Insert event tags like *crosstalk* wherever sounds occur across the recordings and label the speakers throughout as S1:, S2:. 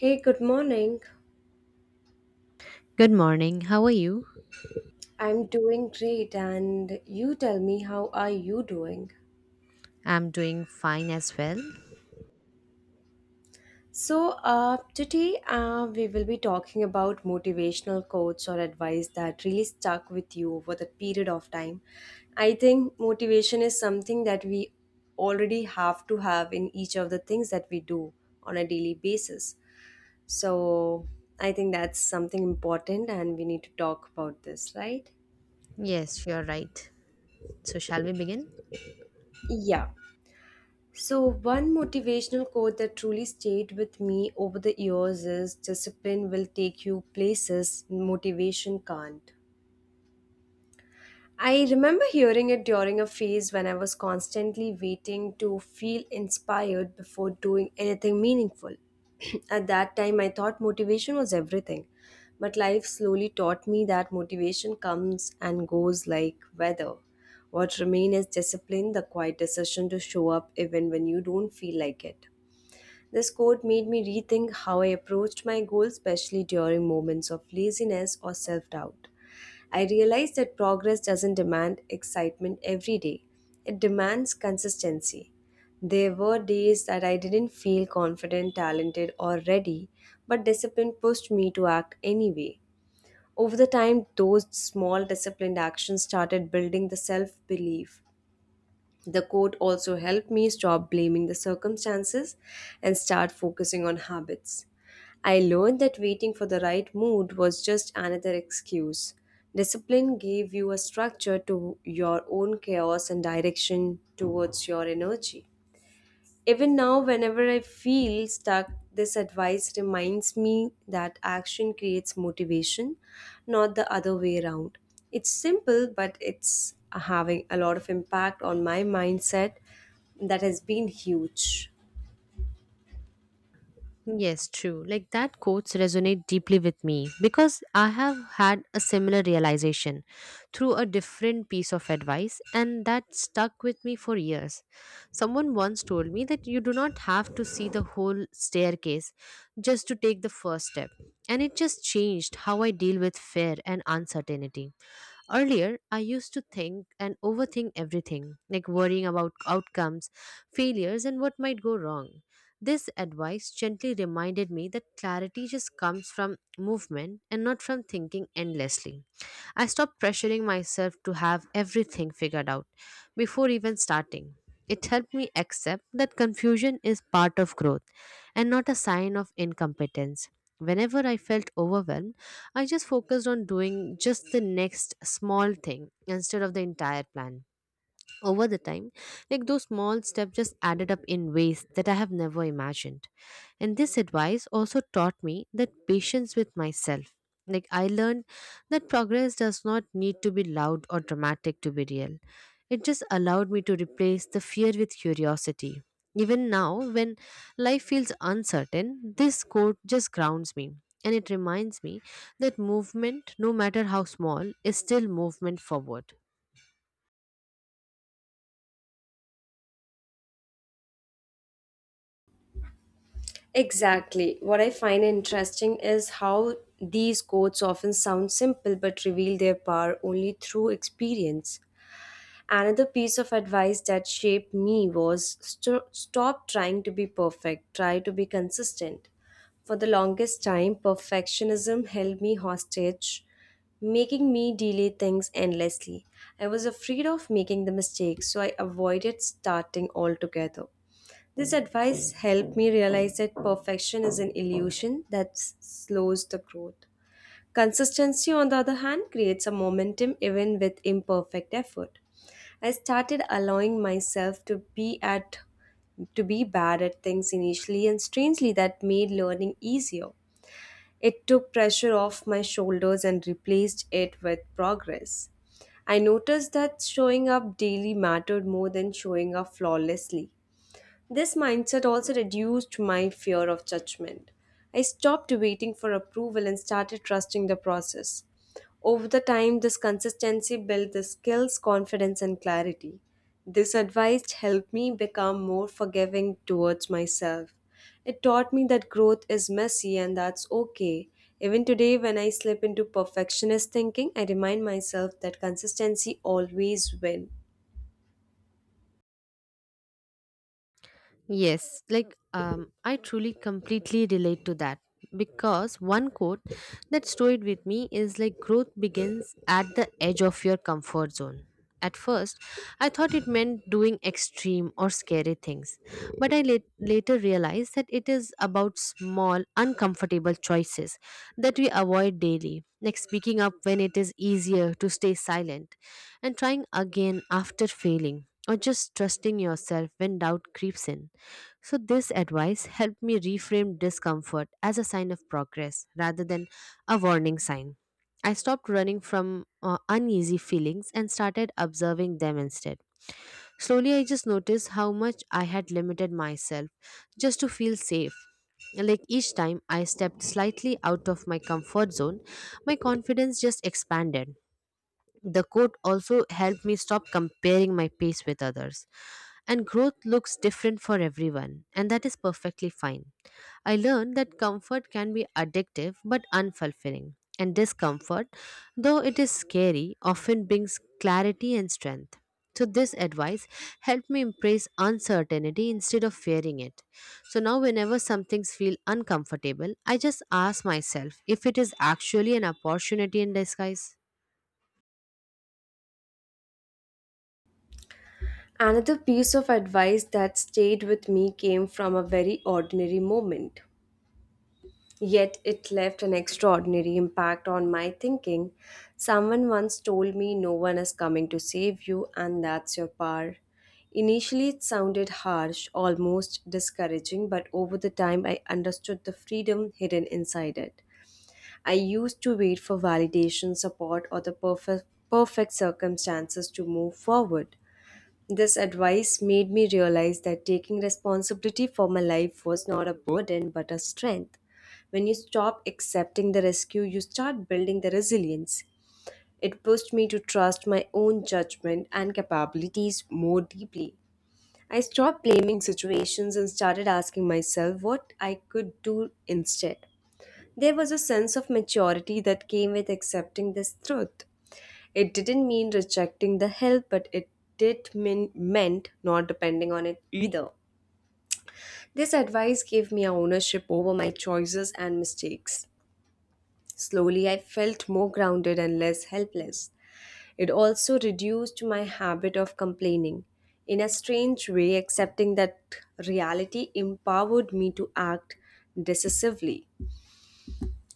S1: Hey, good morning.
S2: Good morning. How are you?
S1: I'm doing great, and you tell me, how are you doing?
S2: I'm doing fine as well.
S1: So, today we will be talking about motivational quotes or advice that really stuck with you over the period of time. I think motivation is something that we already have to have in each of the things that we do on a daily basis. So, I think that's something important, and we need to talk about this, right?
S2: Yes, you're right. So, shall we begin?
S1: Yeah. So, one motivational quote that truly stayed with me over the years is discipline will take you places motivation can't. I remember hearing it during a phase when I was constantly waiting to feel inspired before doing anything meaningful. *clears throat* At that time, I thought motivation was everything. But life slowly taught me that motivation comes and goes like weather. What remains is discipline, the quiet decision to show up even when you don't feel like it. This quote made me rethink how I approached my goals, especially during moments of laziness or self doubt. I realized that progress doesn't demand excitement every day, it demands consistency. There were days that I didn't feel confident, talented, or ready, but discipline pushed me to act anyway. Over the time, those small disciplined actions started building the self belief. The quote also helped me stop blaming the circumstances and start focusing on habits. I learned that waiting for the right mood was just another excuse. Discipline gave you a structure to your own chaos and direction towards your energy. Even now, whenever I feel stuck, this advice reminds me that action creates motivation, not the other way around. It's simple, but it's having a lot of impact on my mindset that has been huge.
S2: Yes, true. Like that quotes resonate deeply with me because I have had a similar realization through a different piece of advice and that stuck with me for years. Someone once told me that you do not have to see the whole staircase just to take the first step. And it just changed how I deal with fear and uncertainty. Earlier, I used to think and overthink everything, like worrying about outcomes, failures, and what might go wrong. This advice gently reminded me that clarity just comes from movement and not from thinking endlessly. I stopped pressuring myself to have everything figured out before even starting. It helped me accept that confusion is part of growth and not a sign of incompetence. Whenever I felt overwhelmed, I just focused on doing just the next small thing instead of the entire plan over the time, like those small steps just added up in ways that I have never imagined. And this advice also taught me that patience with myself, like I learned that progress does not need to be loud or dramatic to be real. It just allowed me to replace the fear with curiosity. Even now, when life feels uncertain, this quote just grounds me, and it reminds me that movement, no matter how small, is still movement forward.
S1: Exactly. What I find interesting is how these quotes often sound simple but reveal their power only through experience. Another piece of advice that shaped me was stop trying to be perfect, try to be consistent. For the longest time, perfectionism held me hostage, making me delay things endlessly. I was afraid of making the mistake, so I avoided starting altogether. This advice helped me realize that perfection is an illusion that slows the growth. Consistency, on the other hand, creates a momentum even with imperfect effort. I started allowing myself to be bad at things initially and strangely that made learning easier. It took pressure off my shoulders and replaced it with progress. I noticed that showing up daily mattered more than showing up flawlessly. This mindset also reduced my fear of judgment. I stopped waiting for approval and started trusting the process. Over the time, this consistency built the skills, confidence, and clarity. This advice helped me become more forgiving towards myself. It taught me that growth is messy and that's okay. Even today, when I slip into perfectionist thinking, I remind myself that consistency always wins.
S2: Yes, like I truly completely relate to that because one quote that stayed with me is like growth begins at the edge of your comfort zone. At first, I thought it meant doing extreme or scary things, but I later realized that it is about small, uncomfortable choices that we avoid daily, like speaking up when it is easier to stay silent and trying again after failing, or just trusting yourself when doubt creeps in. So, this advice helped me reframe discomfort as a sign of progress rather than a warning sign. I stopped running from uneasy feelings and started observing them instead. Slowly, I just noticed how much I had limited myself just to feel safe. Like each time I stepped slightly out of my comfort zone, my confidence just expanded. The quote also helped me stop comparing my pace with others. And growth looks different for everyone, and that is perfectly fine. I learned that comfort can be addictive but unfulfilling, and discomfort, though it is scary, often brings clarity and strength. So, this advice helped me embrace uncertainty instead of fearing it. So, now whenever some things feel uncomfortable, I just ask myself if it is actually an opportunity in disguise.
S1: Another piece of advice that stayed with me came from a very ordinary moment, yet it left an extraordinary impact on my thinking. Someone once told me, no one is coming to save you, and that's your power. Initially, it sounded harsh, almost discouraging, but over the time, I understood the freedom hidden inside it. I used to wait for validation, support, or perfect circumstances to move forward. This advice made me realize that taking responsibility for my life was not a burden but a strength. When you stop accepting the rescue, you start building the resilience. It pushed me to trust my own judgment and capabilities more deeply. I stopped blaming situations and started asking myself what I could do instead. There was a sense of maturity that came with accepting this truth. It didn't mean rejecting the help, but it did mean meant not depending on it either. This advice gave me ownership over my choices and mistakes. Slowly, I felt more grounded and less helpless. It also reduced my habit of complaining. In a strange way, accepting that reality empowered me to act decisively.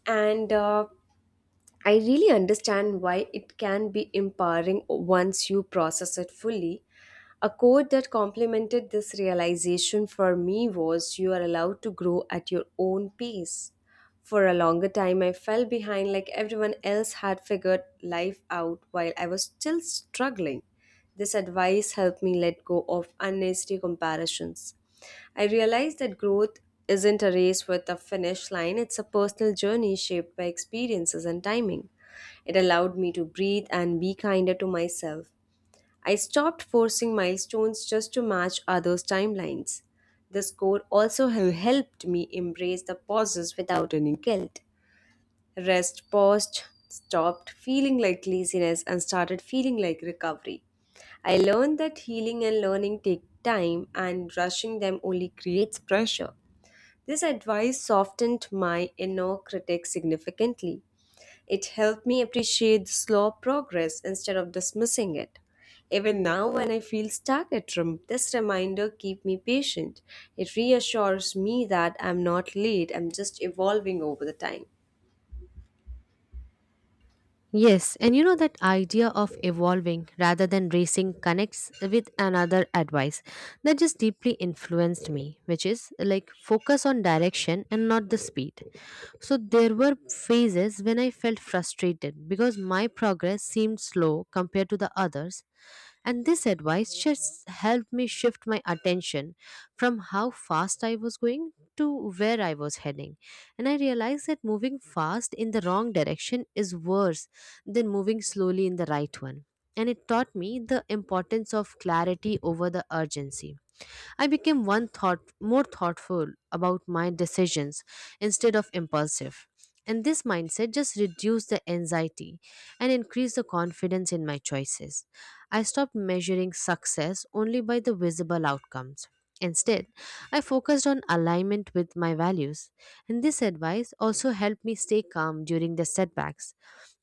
S1: And I really understand why it can be empowering once you process it fully. A quote that complemented this realization for me was you are allowed to grow at your own pace. For a longer time, I fell behind like everyone else had figured life out while I was still struggling. This advice helped me let go of unnecessary comparisons. I realized that growth isn't a race with a finish line, it's a personal journey shaped by experiences and timing. It allowed me to breathe and be kinder to myself. I stopped forcing milestones just to match others' timelines. The score also helped me embrace the pauses without any guilt. Rest paused, stopped feeling like laziness, and started feeling like recovery. I learned that healing and learning take time, and rushing them only creates pressure. This advice softened my inner critic significantly. It helped me appreciate the slow progress instead of dismissing it. Even now, when I feel stuck at room, this reminder keeps me patient. It reassures me that I'm not late, I'm just evolving over the time.
S2: Yes, and you know that idea of evolving rather than racing connects with another advice that just deeply influenced me, which is like focus on direction and not the speed. So there were phases when I felt frustrated because my progress seemed slow compared to the others, and this advice just helped me shift my attention from how fast I was going to where I was heading. And I realized that moving fast in the wrong direction is worse than moving slowly in the right one. And it taught me the importance of clarity over the urgency. I became one thought more thoughtful about my decisions instead of impulsive. And this mindset just reduced the anxiety and increased the confidence in my choices. I stopped measuring success only by the visible outcomes. Instead, I focused on alignment with my values. And this advice also helped me stay calm during the setbacks.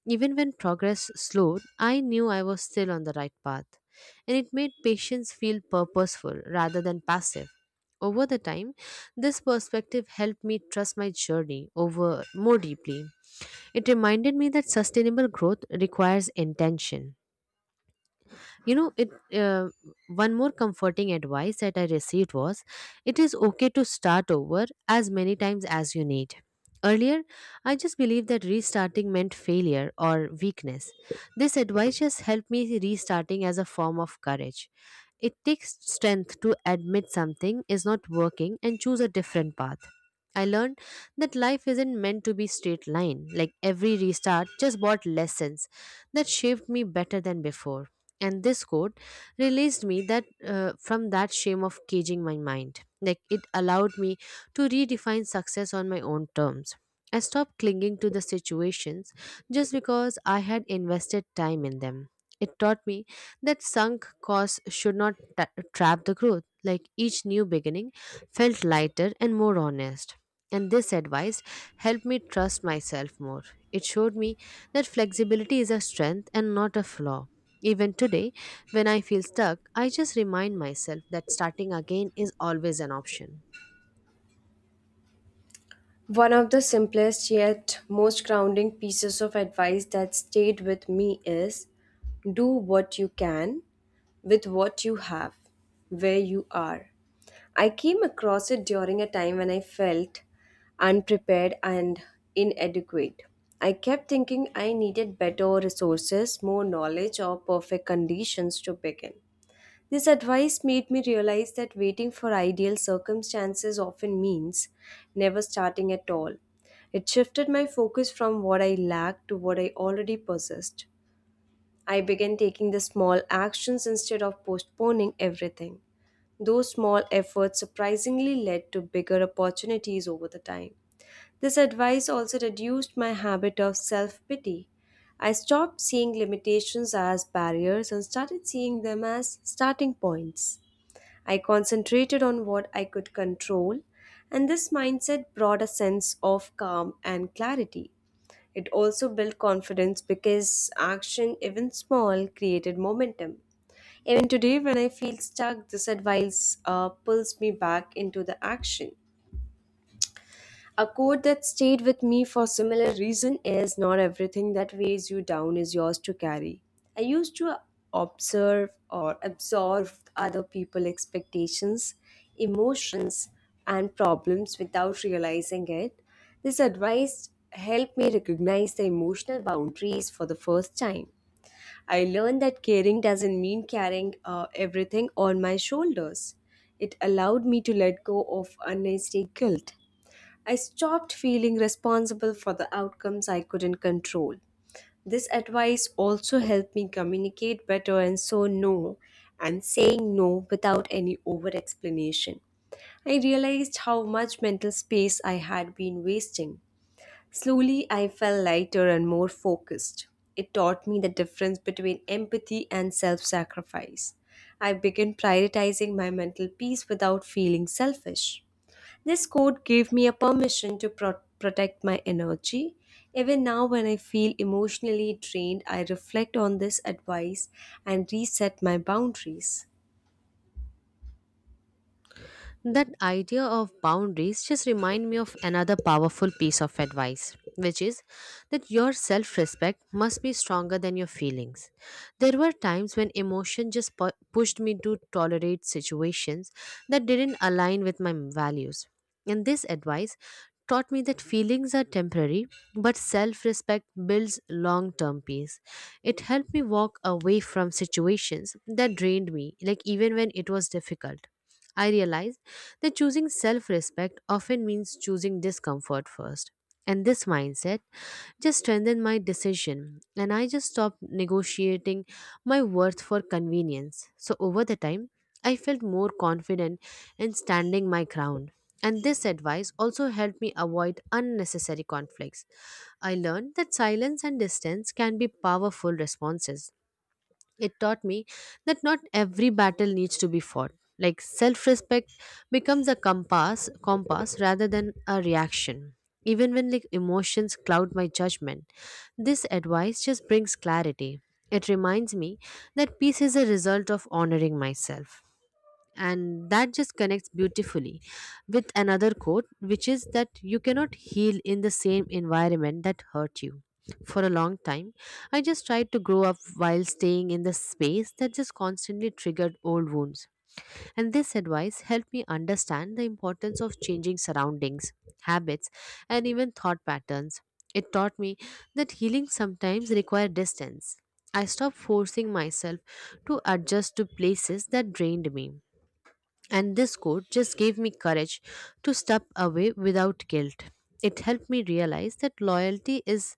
S2: Even when progress slowed, I knew I was still on the right path, and it made patients feel purposeful rather than passive. Over the time, this perspective helped me trust my journey over more deeply. It reminded me that sustainable growth requires intention. You know, it one more comforting advice that I received was it is okay to start over as many times as you need. Earlier, I just believed that restarting meant failure or weakness. This advice just helped me see restarting as a form of courage. It takes strength to admit something is not working and choose a different path. I learned that life isn't meant to be straight line. Like every restart just brought lessons that shaped me better than before. And this quote released me that from that shame of caging my mind. Like it allowed me to redefine success on my own terms. I stopped clinging to the situations just because I had invested time in them. It taught me that sunk costs should not trap the growth. Like each new beginning felt lighter and more honest. And this advice helped me trust myself more. It showed me that flexibility is a strength and not a flaw. Even today, when I feel stuck, I just remind myself that starting again is always an option.
S1: One of the simplest yet most grounding pieces of advice that stayed with me is do what you can with what you have, where you are. I came across it during a time when I felt unprepared and inadequate. I kept thinking I needed better resources, more knowledge, or perfect conditions to begin. This advice made me realize that waiting for ideal circumstances often means never starting at all. It shifted my focus from what I lacked to what I already possessed. I began taking the small actions instead of postponing everything. Those small efforts surprisingly led to bigger opportunities over the time. This advice also reduced my habit of self pity. I stopped seeing limitations as barriers and started seeing them as starting points. I concentrated on what I could control, and this mindset brought a sense of calm and clarity. It also built confidence because action, even small, created momentum. Even today, when I feel stuck, this advice pulls me back into the action. A quote that stayed with me for similar reason is not everything that weighs you down is yours to carry. I used to observe or absorb other people's expectations, emotions, and problems without realizing it. This advice helped me recognize the emotional boundaries for the first time. I learned that caring doesn't mean carrying everything on my shoulders. It allowed me to let go of unnecessary guilt. I stopped feeling responsible for the outcomes I couldn't control. This advice also helped me communicate better and saying no without any over explanation. I realized how much mental space I had been wasting. Slowly, I felt lighter and more focused. It taught me the difference between empathy and self sacrifice. I began prioritizing my mental peace without feeling selfish. This quote gave me a permission to protect my energy. Even now, when I feel emotionally drained, I reflect on this advice and reset my boundaries.
S2: That idea of boundaries just remind me of another powerful piece of advice, which is that your self-respect must be stronger than your feelings. There were times when emotion just pushed me to tolerate situations that didn't align with my values. And this advice taught me that feelings are temporary, but self-respect builds long-term peace. It helped me walk away from situations that drained me, like even when it was difficult. I realized that choosing self respect often means choosing discomfort first. And this mindset just strengthened my decision, and I just stopped negotiating my worth for convenience. So, over the time, I felt more confident in standing my ground. And this advice also helped me avoid unnecessary conflicts. I learned that silence and distance can be powerful responses. It taught me that not every battle needs to be fought. Like self-respect becomes a compass rather than a reaction. Even when like emotions cloud my judgment, this advice just brings clarity. It reminds me that peace is a result of honoring myself, and that just connects beautifully with another quote, which is that you cannot heal in the same environment that hurt you. For a long time, I just tried to grow up while staying in the space that just constantly triggered old wounds. And this advice helped me understand the importance of changing surroundings, habits, and even thought patterns. It taught me that healing sometimes requires distance. I stopped forcing myself to adjust to places that drained me, and this quote just gave me courage to step away without guilt. It helped me realize that loyalty is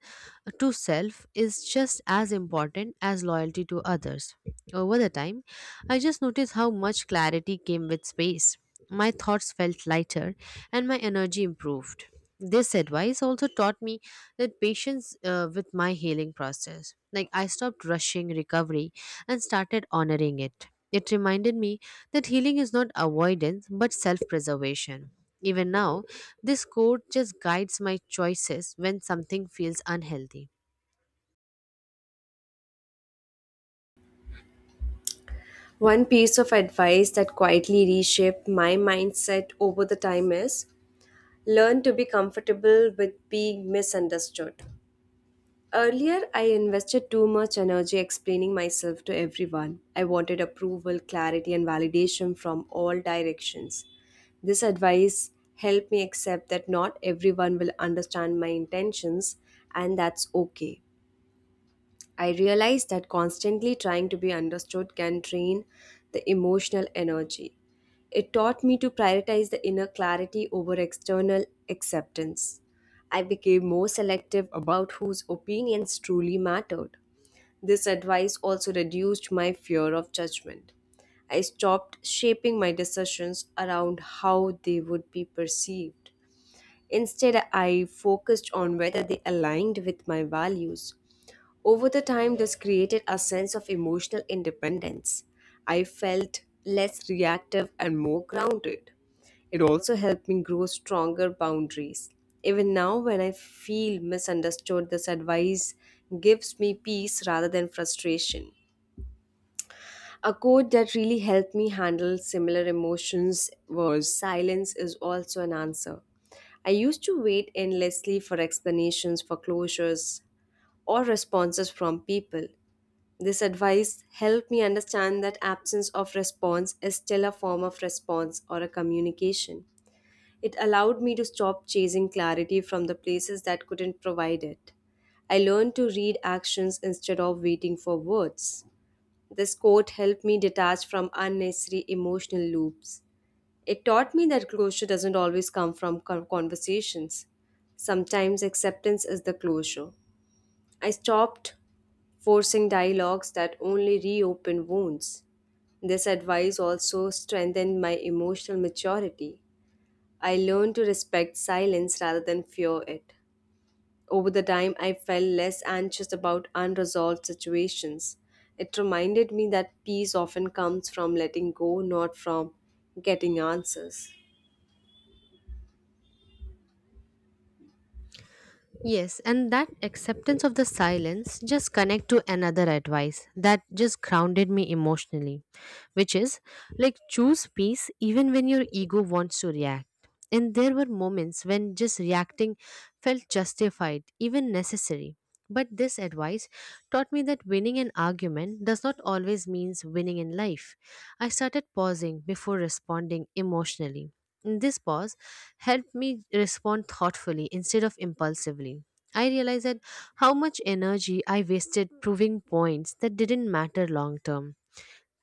S2: to self is just as important as loyalty to others. Over the time, I just noticed how much clarity came with space. My thoughts felt lighter and my energy improved. This advice also taught me that patience with my healing process. Like I stopped rushing recovery and started honoring it. It reminded me that healing is not avoidance but self preservation. Even now, this quote just guides my choices when something feels unhealthy.
S1: One piece of advice that quietly reshaped my mindset over the time is learn to be comfortable with being misunderstood. Earlier, I invested too much energy explaining myself to everyone. I wanted approval, clarity, and validation from all directions. This advice helped me accept that not everyone will understand my intentions, and that's okay. I realized that constantly trying to be understood can drain the emotional energy. It taught me to prioritize the inner clarity over external acceptance. I became more selective about whose opinions truly mattered. This advice also reduced my fear of judgment. I stopped shaping my decisions around how they would be perceived. Instead, I focused on whether they aligned with my values over the time. This created a sense of emotional independence. I felt less reactive and more grounded. It also helped me grow stronger boundaries. Even now, when I feel misunderstood, this advice gives me peace rather than frustration. A quote that really helped me handle similar emotions was silence is also an answer. I used to wait endlessly for explanations, for closures, or responses from people. This advice helped me understand that absence of response is still a form of response or a communication. It allowed me to stop chasing clarity from the places that couldn't provide it. I learned to read actions instead of waiting for words. This quote helped me detach from unnecessary emotional loops. It taught me that closure doesn't always come from conversations. Sometimes acceptance is the closure. I stopped forcing dialogues that only reopen wounds. This advice also strengthened my emotional maturity. I learned to respect silence rather than fear it. Over the time, I felt less anxious about unresolved situations. It reminded me that peace often comes from letting go, not from getting answers.
S2: Yes, and that acceptance of the silence just connect to another advice that just grounded me emotionally, which is like choose peace even when your ego wants to react. And there were moments when just reacting felt justified, even necessary. But this advice taught me that winning an argument does not always means winning in life. I started pausing before responding emotionally. This pause helped me respond thoughtfully instead of impulsively. I realized that how much energy I wasted proving points that didn't matter long term.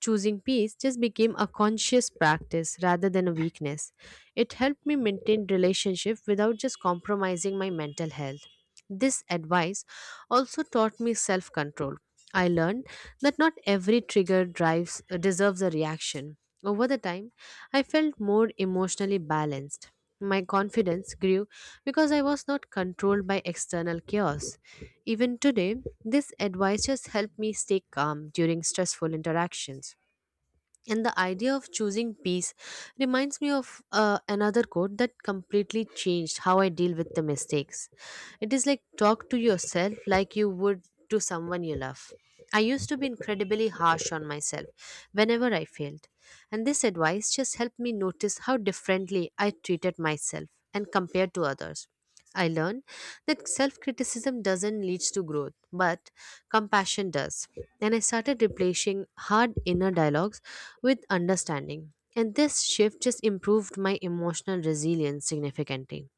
S2: Choosing peace just became a conscious practice rather than a weakness. It helped me maintain relationship without just compromising my mental health. This advice also taught me self control. I learned that not every trigger drives deserves a reaction. Over the time, I felt more emotionally balanced. My confidence grew because I was not controlled by external chaos. Even today, this advice just helped me stay calm during stressful interactions. And the idea of choosing peace reminds me of another quote that completely changed how I deal with the mistakes. It is like talk to yourself like you would to someone you love. I used to be incredibly harsh on myself whenever I failed, and this advice just helped me notice how differently I treated myself and compared to others. I learned that self criticism doesn't lead to growth, but compassion does. And I started replacing hard inner dialogues with understanding. And this shift just improved my emotional resilience significantly.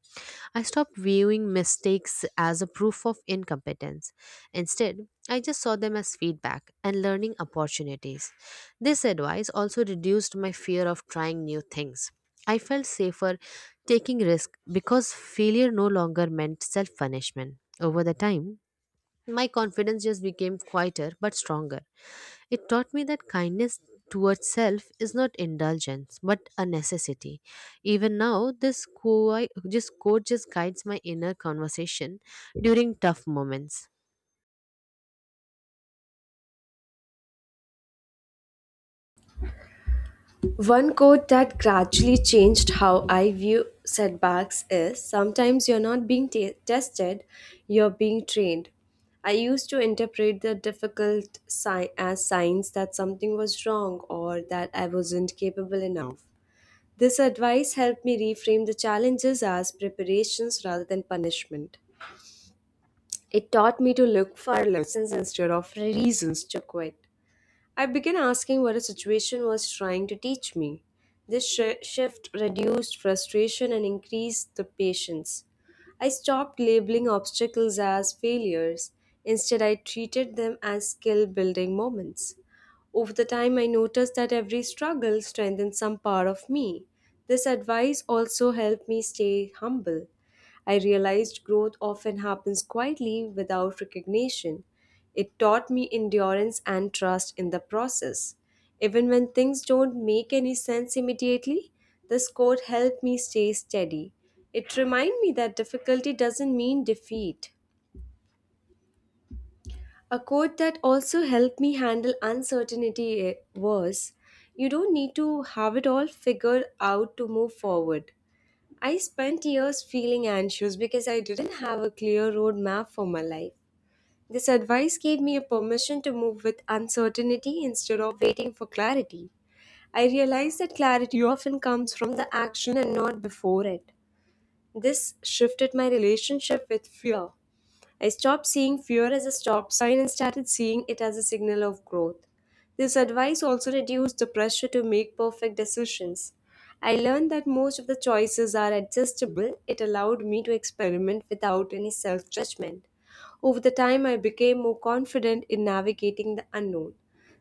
S2: I stopped viewing mistakes as a proof of incompetence. Instead, I just saw them as feedback and learning opportunities. This advice also reduced my fear of trying new things. I felt safer taking risk because failure no longer meant self punishment. Over the time, my confidence just became quieter but stronger. It taught me that kindness towards self is not indulgence but a necessity. Even now, this quote just guides my inner conversation during tough moments.
S1: One quote that gradually changed how I view setbacks is sometimes you're not being tested, you're being trained. I used to interpret the difficult sign as signs that something was wrong or that I wasn't capable enough. This advice helped me reframe the challenges as preparations rather than punishment. It taught me to look for lessons instead of reasons to quit. I began asking what a situation was trying to teach me. This shift reduced frustration and increased the patience. I stopped labeling obstacles as failures. Instead, I treated them as skill building moments. Over the time, I noticed that every struggle strengthened some part of me. This advice also helped me stay humble. I realized growth often happens quietly without recognition. It taught me endurance and trust in the process. Even when things don't make any sense immediately, this quote helped me stay steady. It reminded me that difficulty doesn't mean defeat. A quote that also helped me handle uncertainty was, "You don't need to have it all figured out to move forward." I spent years feeling anxious because I didn't have a clear road map for my life. This advice gave me a permission to move with uncertainty instead of waiting for clarity. I realized that clarity often comes from the action and not before it. This shifted my relationship with fear. I stopped seeing fear as a stop sign and started seeing it as a signal of growth. This advice also reduced the pressure to make perfect decisions. I learned that most of the choices are adjustable. It allowed me to experiment without any self judgment. Over the time, I became more confident in navigating the unknown.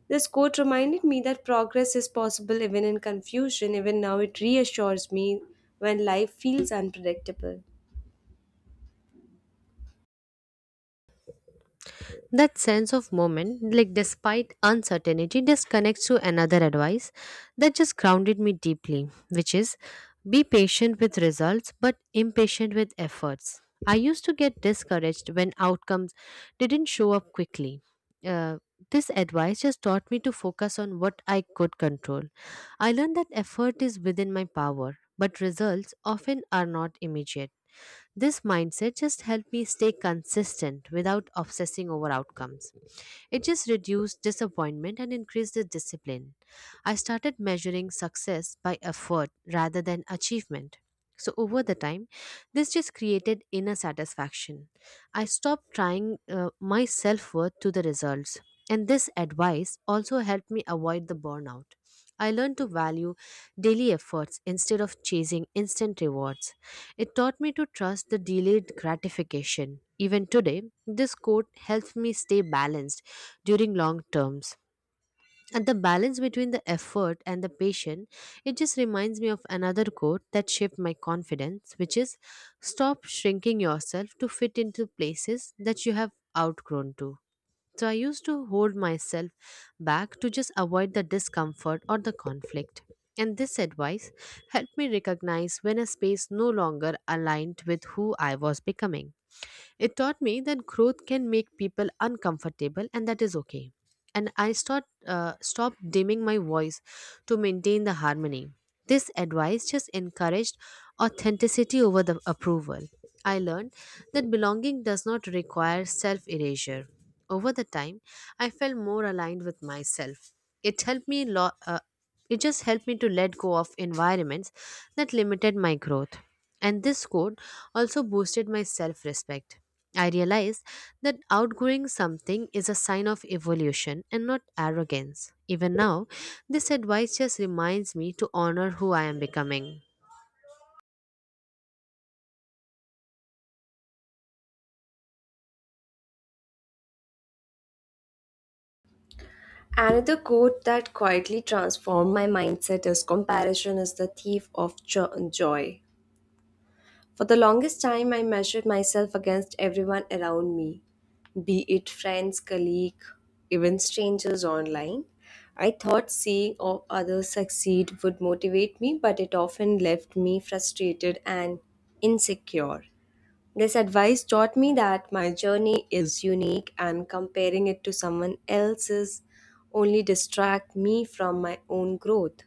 S1: This quote reminded me that progress is possible even in confusion. Even now, it reassures me when life feels unpredictable.
S2: That sense of moment, like despite uncertainty, just connects to another advice that just grounded me deeply, which is be patient with results but impatient with efforts. I used to get discouraged when outcomes didn't show up quickly. Uh, this advice just taught me to focus on what I could control. I learned that effort is within my power, but results often are not immediate. This mindset just helped me stay consistent without obsessing over outcomes. It just reduced disappointment and increased the discipline. I started measuring success by effort rather than achievement. So, over the time, this just created inner satisfaction. I stopped trying my self worth to the results. And this advice also helped me avoid the burnout. I learned to value daily efforts instead of chasing instant rewards. It taught me to trust the delayed gratification. Even today, this quote helps me stay balanced during long terms. And the balance between the effort and the patience, it just reminds me of another quote that shaped my confidence, which is stop shrinking yourself to fit into places that you have outgrown to. So I used to hold myself back to just avoid the discomfort or the conflict. And this advice helped me recognize when a space no longer aligned with who I was becoming. It taught me that growth can make people uncomfortable, and that is okay. And I stopped dimming my voice to maintain the harmony. This advice just encouraged authenticity over the approval. I learned that belonging does not require self erasure. Over the time, I felt more aligned with myself. It helped me lo- uh, it just helped me to let go of environments that limited my growth. And this quote also boosted my self respect. I realized that outgrowing something is a sign of evolution and not arrogance. Even now, this advice just reminds me to honor who I am becoming.
S1: Another quote that quietly transformed my mindset is comparison is the thief of joy. For the longest time, I measured myself against everyone around me, be it friends, colleagues, even strangers online. I thought seeing others succeed would motivate me, but it often left me frustrated and insecure. This advice taught me that my journey is unique and comparing it to someone else's only distract me from my own growth.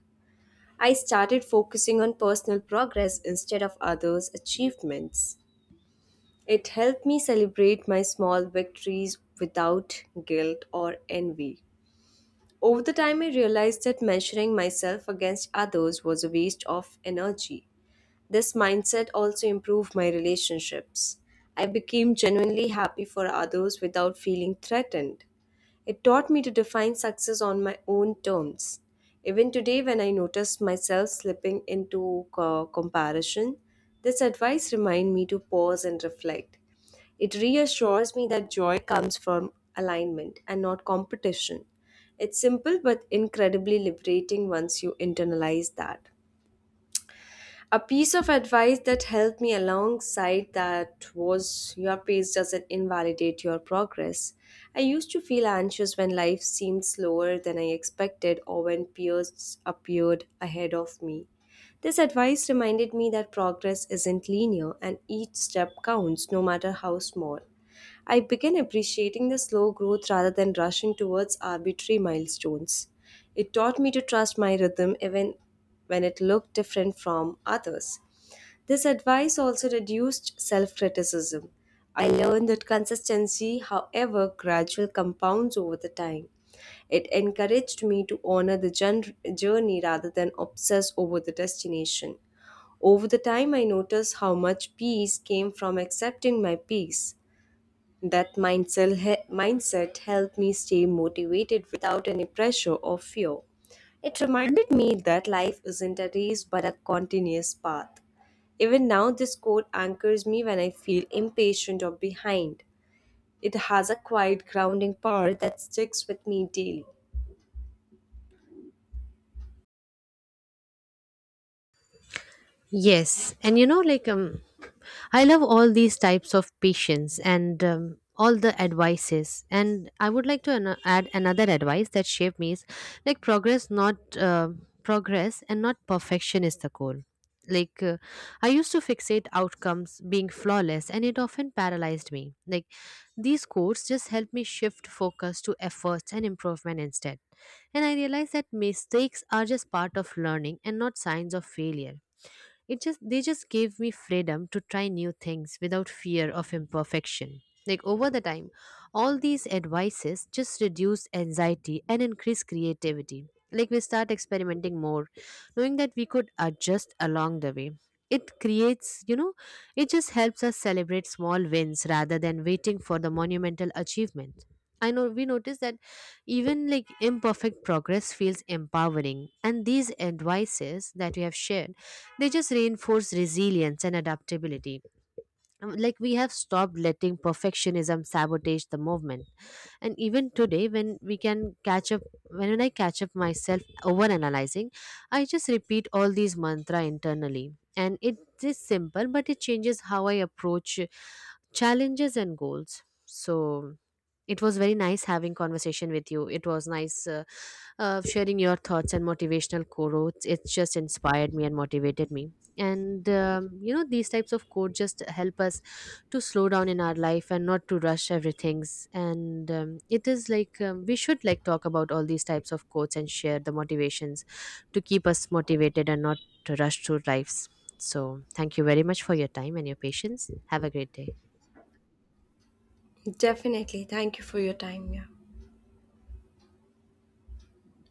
S1: I started focusing on personal progress instead of others' achievements. It helped me celebrate my small victories without guilt or envy. Over the time, I realized that measuring myself against others was a waste of energy. This mindset also improved my relationships. I became genuinely happy for others without feeling threatened. It taught me to define success on my own terms. Even today, when I notice myself slipping into comparison, this advice reminds me to pause and reflect. It reassures me that joy comes from alignment and not competition. It's simple but incredibly liberating once you internalize that. A piece of advice that helped me alongside that was your pace doesn't invalidate your progress. I used to feel anxious when life seemed slower than I expected or when peers appeared ahead of me. This advice reminded me that progress isn't linear and each step counts no matter how small. I began appreciating the slow growth rather than rushing towards arbitrary milestones. It taught me to trust my rhythm even when it looked different from others. This advice also reduced self criticism. I learned that consistency, however, gradual compounds over the time. It encouraged me to honor the journey rather than obsess over the destination. Over the time, I noticed how much peace came from accepting my peace. That mindset helped me stay motivated without any pressure or fear. It reminded me that life isn't a race but a continuous path. Even now, this quote anchors me when I feel impatient or behind. It has a quiet grounding power that sticks with me daily.
S2: Yes, and you know, like, I love all these types of patients and all the advices. And I would like to add another advice that shaped me is like progress, and not perfection is the goal. Like uh, I used to fixate outcomes being flawless, and it often paralyzed me. Like these quotes just helped me shift focus to efforts and improvement instead. And I realized that mistakes are just part of learning and not signs of failure it just they just gave me freedom to try new things without fear of imperfection. Like over the time, all these advices just reduce anxiety and increase creativity. Like we start experimenting more, knowing that we could adjust along the way. It creates, you know, it just helps us celebrate small wins rather than waiting for the monumental achievement. I know we notice that even like imperfect progress feels empowering, and these advices that we have shared they just reinforce resilience and adaptability. Like we have stopped letting perfectionism sabotage the movement. And even today, when I catch up myself over analyzing, I just repeat all these mantra internally. And it is simple, but it changes how I approach challenges and goals. So it was very nice having conversation with you. It was nice of sharing your thoughts and motivational quotes. It's just inspired me and motivated me. And these types of quotes just help us to slow down in our life and not to rush everything's. And it is like we should like talk about all these types of quotes and share the motivations to keep us motivated and not to rush through lives. So, thank you very much for your time and your patience. Have a great day.
S1: Definitely. Thank you for your time. Yeah.